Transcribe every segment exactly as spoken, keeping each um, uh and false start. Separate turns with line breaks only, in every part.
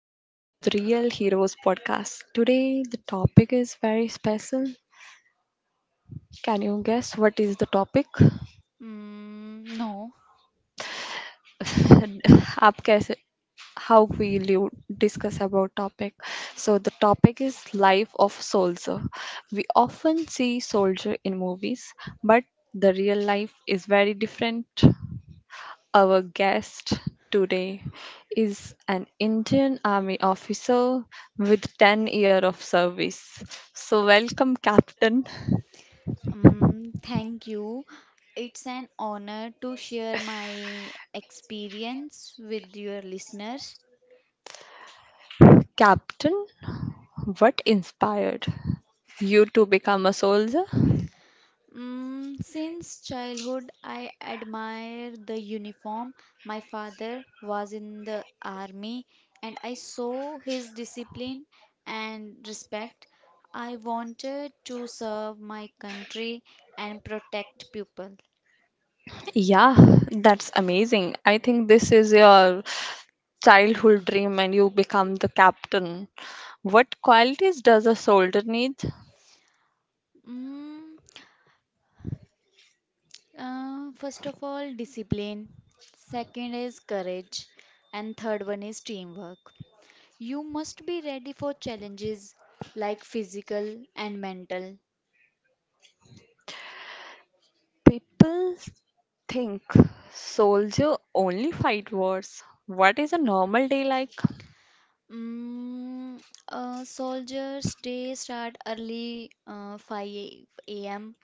Welcome to the Real Heroes podcast. Today, the topic is very special. Can you guess what is the topic?
Mm, no,
आप कैसे how will you discuss about topic. So the topic is life of soldier. We often see soldier in movies, but the real life is very different. Our guest today is an Indian Army officer with ten years of service. So, welcome, Captain.
um, Thank you. It's an honor to share my experience with your listeners.
Captain, what inspired you to become a soldier?
Mm, since childhood, I admire the uniform. My father was in the army, and I saw his discipline and respect. I wanted to serve my country and protect people.
Yeah, that's amazing. I think this is your childhood dream and you become the captain. What qualities does a soldier need?
Mm, Uh, first of all, discipline. Second is courage. And third one is teamwork. You must be ready for challenges like physical and mental.
People think soldier only fight wars. What is a normal day like?
Mm, uh, Soldiers' day start early, uh, five a m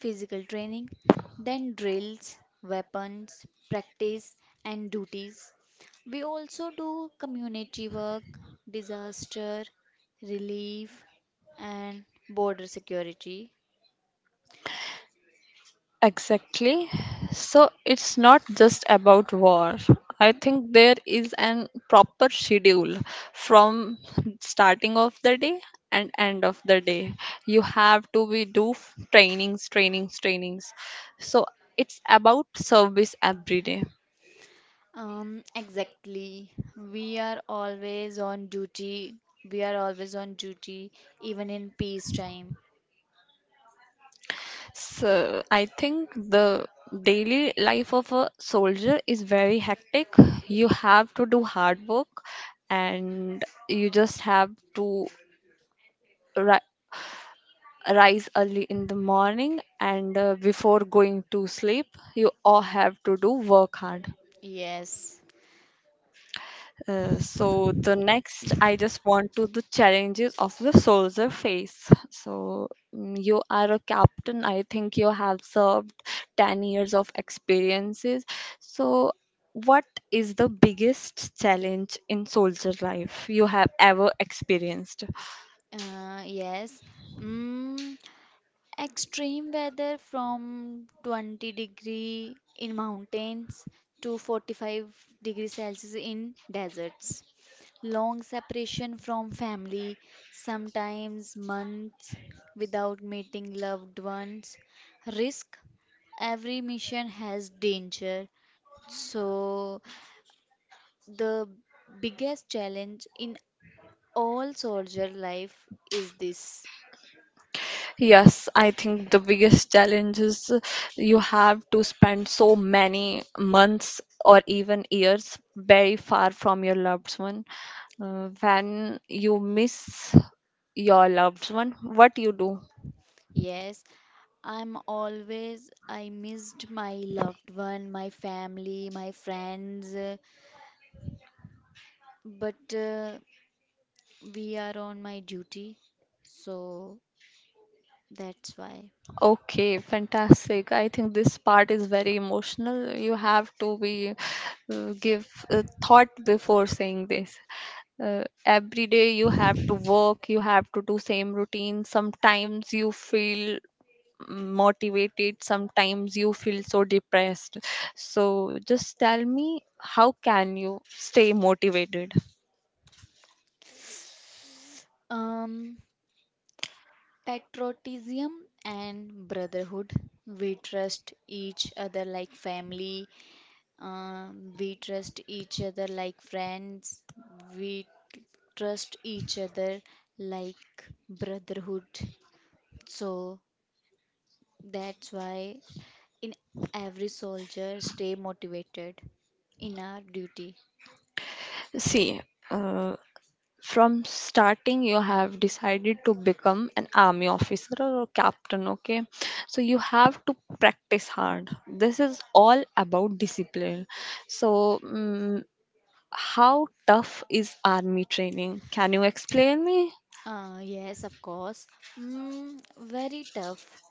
physical training, then drills, weapons, practice, and duties. We also do community work, disaster relief, and border security.
Exactly. So it's not just about war. I think there is an proper schedule from starting of the day and end of the day. You have to be do f- trainings, trainings, trainings. So it's about service every day.
Um, exactly. We are always on duty. We are always on duty, even in peacetime.
So I think the daily life of a soldier is very hectic. You have to do hard work and you just have to ri- rise early in the morning and uh, before going to sleep you all have to do work hard.
Yes.
Uh, so the next, I just want to the challenges of the soldier face. So mm, you are a captain. I think you have served ten years of experiences. So what is the biggest challenge in soldier life you have ever experienced?
Uh, yes. Mm, Extreme weather from twenty degree in mountains to forty-five degree Celsius in deserts. Long separation from family, sometimes months without meeting loved ones. Risk, every mission has danger. So the biggest challenge in all soldier life is this.
Yes, I think the biggest challenge is uh, you have to spend so many months or even years very far from your loved one. Uh, when you miss your loved one, what you do?
Yes, I'm always, I missed my loved one, my family, my friends, uh, but uh, we are on my duty, so that's why.
Okay, fantastic. I think this part is very emotional. You have to be uh, give uh, thought before saying this. Uh, every day you have to work, you have to do same routine. Sometimes you feel motivated, sometimes you feel so depressed. So just tell me, how can you stay motivated?
Um, Patriotism and brotherhood. We trust each other like family, um, we trust each other like friends, we t- trust each other like brotherhood. So that's why in every soldier stay motivated in our duty.
See, uh, from starting you have decided to become an army officer or a captain. Okay, so you have to practice hard. This is all about discipline. So, mm how tough is army training? Can you explain me?
Uh, yes, of course. Mm, very tough.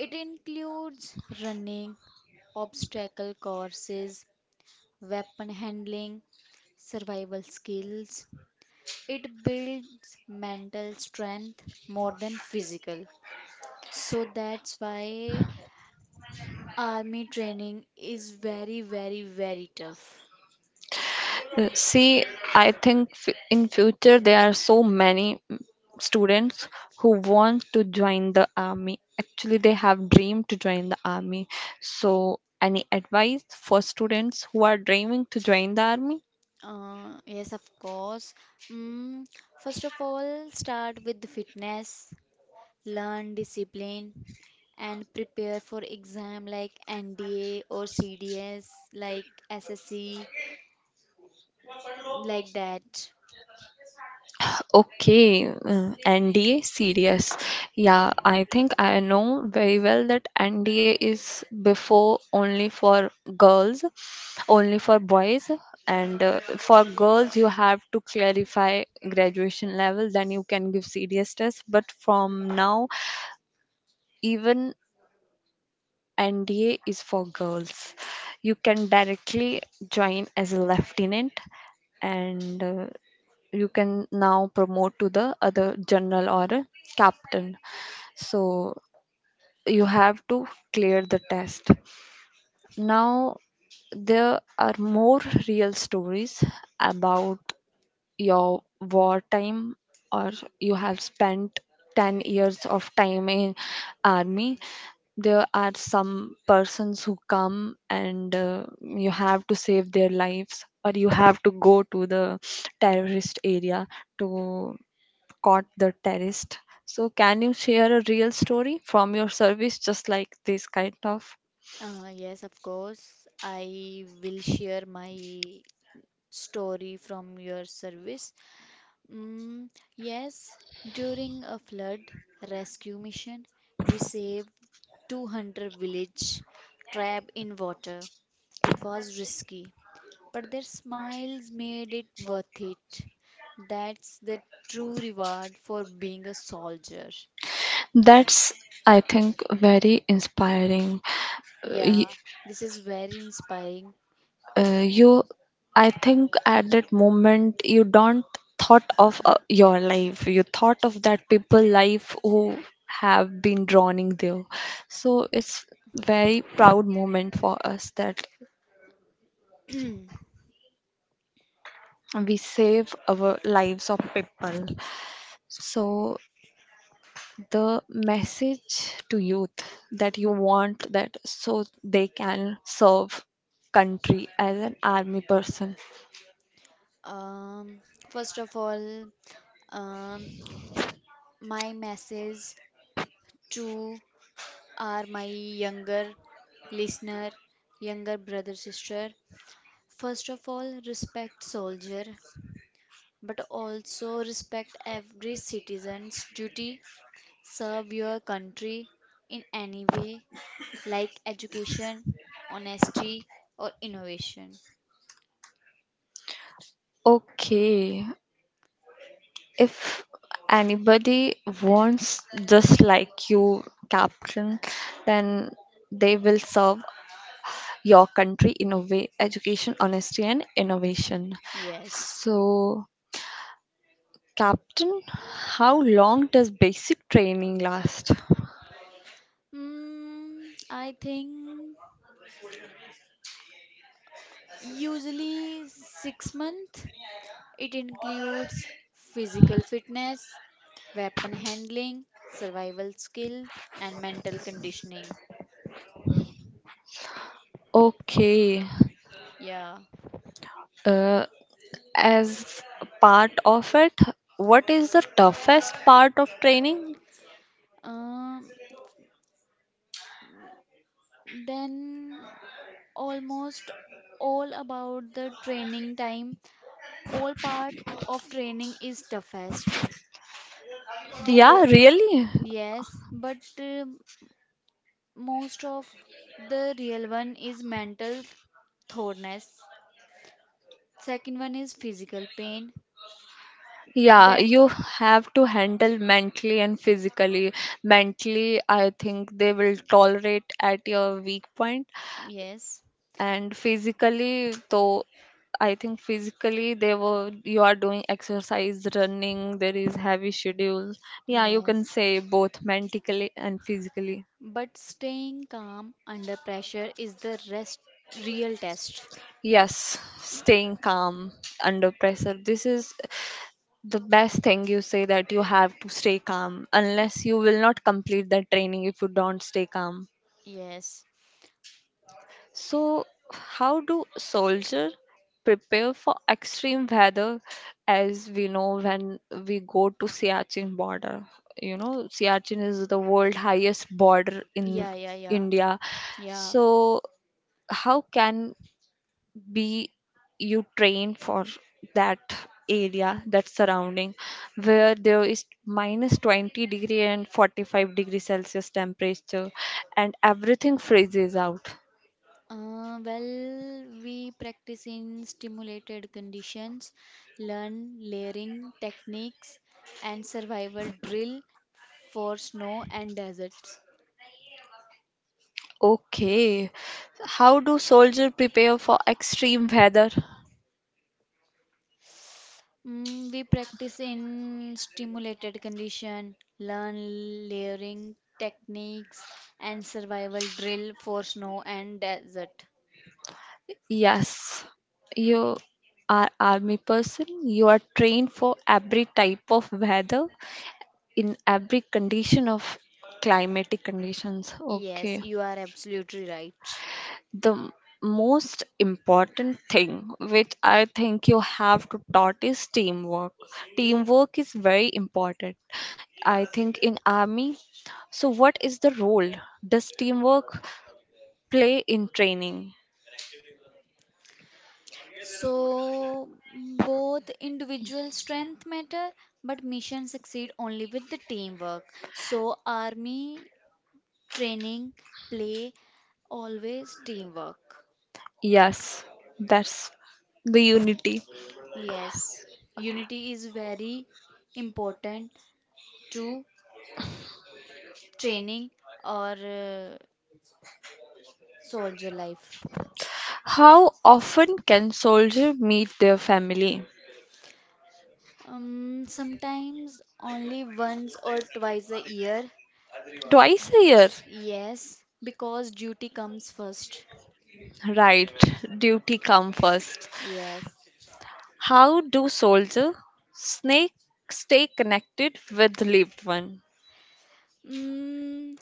It includes running, obstacle courses, weapon handling, survival skills. It builds mental strength more than physical. So that's why army training is very, very, very tough.
Uh, See, I think f- in future there are so many mm, students who want to join the army. Actually, they have dream to join the army. So, any advice for students who are dreaming to join the army?
Uh, yes, of course. Mm, First of all, start with the fitness, learn discipline, and prepare for exam like N D A or C D S, like S S C, like that.
Okay, uh, N D A serious. Yeah, I think I know very well that N D A is before only for girls, only for boys, and uh, for girls you have to clarify graduation level, then you can give serious test. But from now, even N D A is for girls. You can directly join as a lieutenant, and uh, you can now promote to the other general or a captain. So you have to clear the test. Now there are more real stories about your wartime, or you have spent ten years of time in army. There are some persons who come and uh, you have to save their lives, or you have to go to the terrorist area to caught the terrorist. So, can you share a real story from your service, just like this kind of?
Uh, yes, of course. I will share my story from your service. Mm, yes, during a flood rescue mission, we saved two hundred village trapped in water. It was risky, but their smiles made it worth it. That's the true reward for being a soldier.
That's, I think, very inspiring. Uh, y-
Yeah, this is very inspiring.
uh, you, I think, at that moment, you don't thought of uh, your life. You thought of that people life who have been drowning there. So it's very proud moment for us that we save our lives of people. So the message to youth, that you want that so they can serve country as an army person.
Um, First of all, um, my message to are my younger listener, younger brother, sister. First of all, respect soldier, but also respect every citizen's duty. Serve your country in any way, like education, honesty, or innovation.
Okay, if anybody wants just like you, Captain, then they will serve your country in a way, education, honesty, and innovation.
Yes.
So, Captain, how long does basic training last?
Mm, I think usually six month. It includes physical fitness, weapon handling, survival skills, and mental conditioning.
Okay.
Yeah.
Uh, as part of it, what is the toughest part of training?
Um, then almost all about the training time. All part of training is toughest
Yeah,
because
really?
yes, but um most of the real one is mental thoroughness. Second one is physical pain.
Yeah,
Then
you have to handle mentally and physically. Mentally, I think they will tolerate at your weak point,
yes.
and physically, though, I think physically they were you are doing exercise, running. There is heavy schedule. Yeah, you can
Yes,
say both mentally and physically.
but staying calm under pressure is the rest real test.
Yes, staying calm under pressure. This is the best thing you say, that you have to stay calm,
Y-
unless you will not complete that training if you don't stay calm.
yes.
So, how do soldier prepare for extreme weather? As we know, when we go to Siachen border, you know, Siachen is the world highest border in
Yeah, yeah, yeah.
India.
Yeah.
So, how can be you train for that area, that surrounding where there is minus twenty degree and forty-five degree celsius temperature and everything freezes out?
Uh, well, we practice in stimulated conditions, learn layering techniques and survival drill for snow and deserts.
Okay, how do soldiers prepare for extreme weather?
Mm, we practice in stimulated condition, learn layering techniques and survival drill for snow and desert.
Yes, you are army person, you are trained for every type of weather in every condition of climatic conditions.
Yes,
Okay,
you are absolutely right.
the m- most important thing which I think you have to taught is teamwork. Teamwork is very important, I think, in army. So what is the role does teamwork play in training?
So both individual strength matter, but mission succeed only with the teamwork. So army training, play, always teamwork.
Yes, that's the unity.
Yes, unity is very important to training or uh, soldier life?
How often can soldier meet their family?
Um, sometimes only once or twice a year.
Twice a year.
Yes, because duty comes first.
Right, duty come first.
Yes.
How do soldier snake stay connected with lived one?
Mm,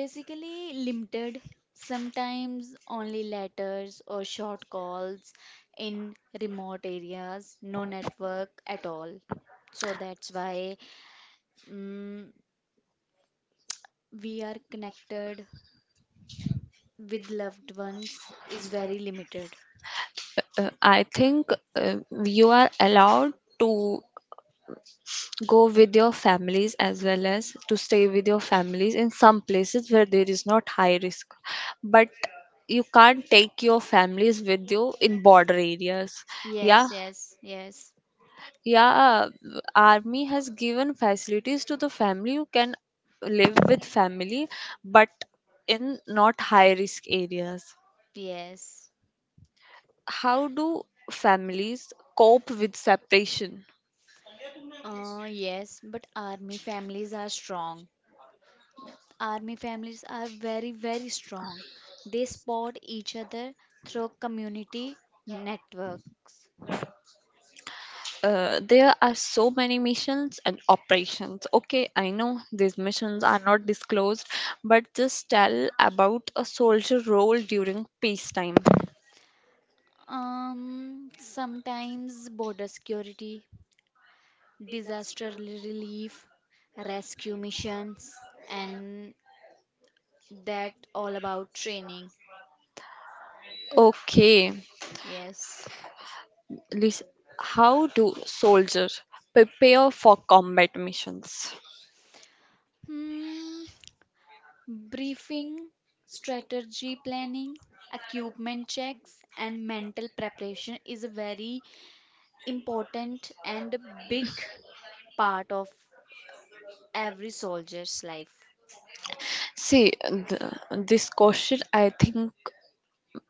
Basically limited, sometimes only letters or short calls in remote areas, no network at all. So that's why, mm, we are connected with loved ones is very limited.
Uh, I think uh, you are allowed to go with your families as well as to stay with your families in some places where there is not high risk. But you can't take your families with you in border areas. Yeah,
Yes, yes, yes,
yeah, army has given facilities to the family who can live with family, but in not high risk areas.
yes.
How do families cope with separation?
Uh, yes, but army families are strong. Army families are very, very strong. They support each other through community networks.
Uh, there are so many missions and operations. Okay, I know these missions are not disclosed, but just tell about a soldier role during peacetime.
Um, sometimes border security, disaster relief, rescue missions, and that all about training.
Okay.
Yes.
Lis- How do soldiers prepare for combat missions?
Hmm. Briefing, strategy planning, equipment checks, and mental preparation is a very important and a big part of every soldier's life.
See, th- this question, I think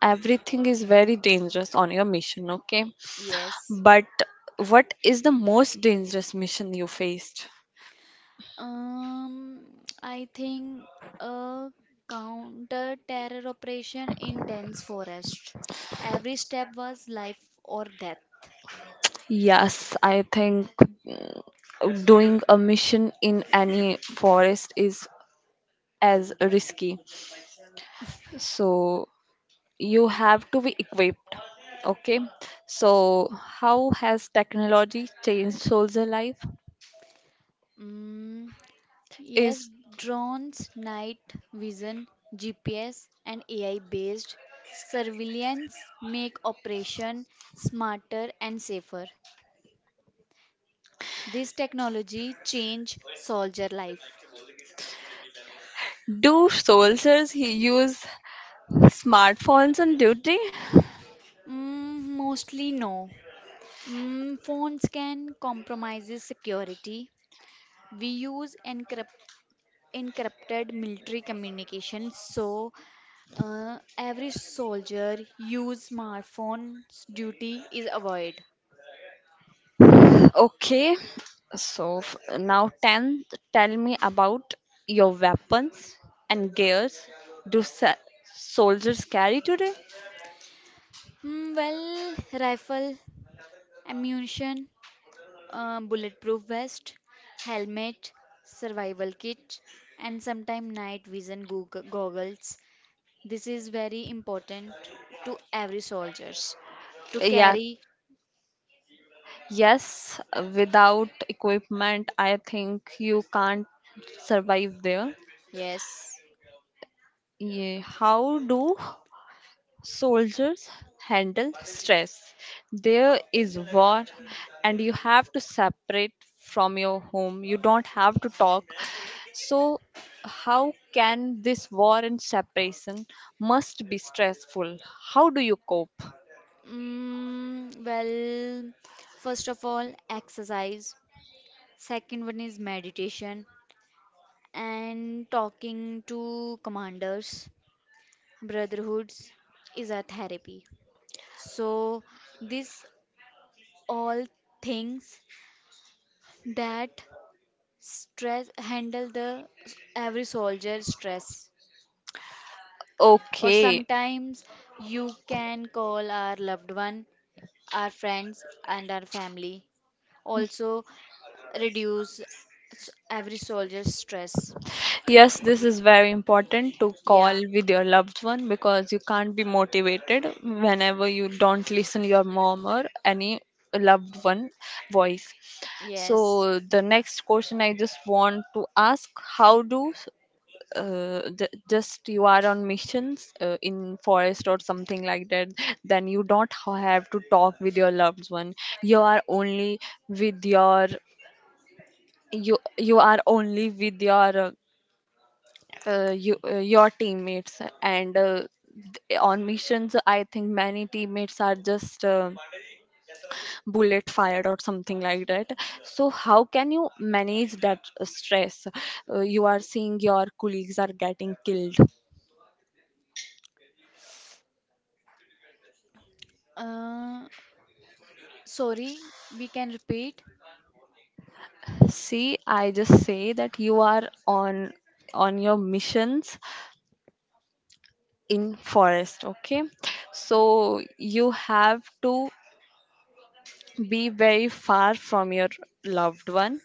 everything is very dangerous on your mission, okay?
Yes.
But what is the most dangerous mission you faced?
Um, I think a counter terror operation in dense forest. Every step was life or death.
Yes, I think doing a mission in any forest is as risky. So you have to be equipped. Okay, so how has technology changed soldier life?
Mm. Yes,
Is
drones, night vision, G P S, and A I based surveillance make operation smarter and safer. This technology change soldier life.
do soldiers he use smartphones on duty?
Mm, mostly no. Mm, phones can compromises security. We use encrypt encrypted military communication, so uh, every soldier use smartphones duty is avoid.
Okay, so f- now ten, tell me about your weapons and gears do sa- soldiers carry today.
Mm, well, rifle, ammunition, uh, bulletproof vest, helmet, survival kit, and sometimes night vision goog- goggles. This is very important to every soldiers to
Yeah,
carry.
yes, without equipment I think you can't survive there.
Yes.
Yeah, how do soldiers handle stress? There is war, and you have to separate from your home. You don't have to talk. So, how can this war and separation must be stressful? How do you cope?
Mm, well, first of all, exercise. Second one is meditation and talking to commanders. Brotherhoods is a therapy. So these all things that stress handle the s- every soldier stress. Or
Okay.
sometimes you can call our loved one, our friends and our family. Also reduce s- every soldier's stress.
Yes, this is very important to call
Yeah.
with your loved one, because you can't be motivated whenever you don't listen your mom or any loved one voice.
Yes.
So the next question I just want to ask, how do uh, j- just you are on missions uh, in forest or something like that, then you don't ha- have to talk with your loved one. You are only with your you you are only with your uh, uh, you, uh, your teammates and uh, th- on missions I think many teammates are just uh, bullet fired or something like that. So how can you manage that uh, stress, uh, you are seeing your colleagues are getting killed?
Uh, Sorry, we can repeat.
See, I just say that you are on on your missions in forest, okay? So you have to be very far from your loved one,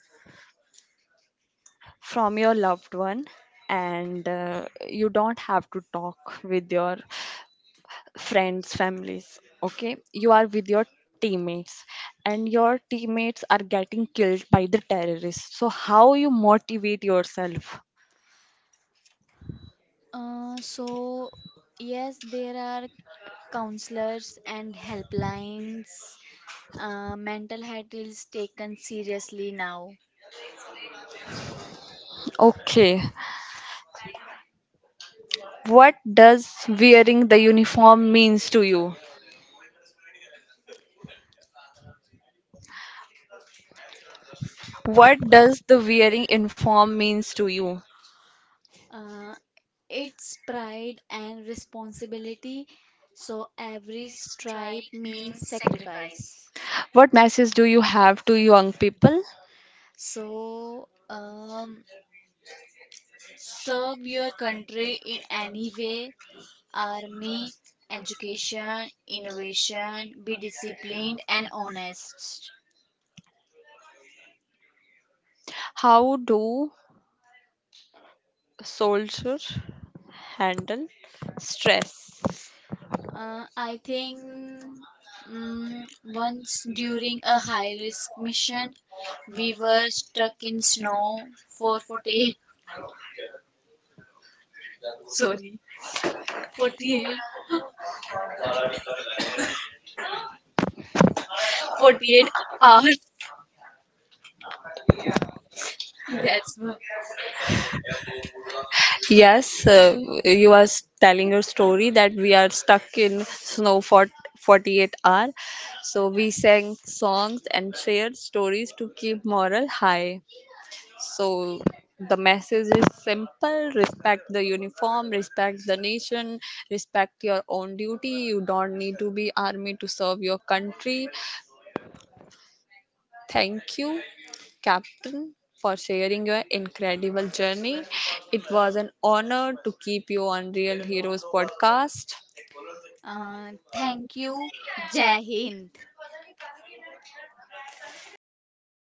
from your loved one, and uh, you don't have to talk with your friends, families, okay? You are with your teammates and your teammates are getting killed by the terrorists. So how you motivate yourself?
Uh, so yes, there are counselors, and helplines, uh, mental health is taken seriously now.
Okay. What does wearing the uniform means to you? What does the wearing uniform means to you?
Uh, it's pride and responsibility, so every stripe means sacrifice.
What message do you have to young people?
So, um, serve your country in any way army, education, innovation, be disciplined and honest.
How do soldiers handle stress?
Uh, I think mm once during a high risk mission, we were stuck in snow for forty-eight, sorry, forty-eight, forty-eight hours. That's why.
Yes, uh, you are s- telling your story that we are stuck in snow for forty-eight hour. So we sang songs and shared stories to keep moral high. So the message is simple: respect the uniform, respect the nation, respect your own duty. You don't need to be army to serve your country. Thank you, Captain, for sharing your incredible journey. It was an honor to keep you on Real Heroes podcast.
Uh, thank you. Jai Hind.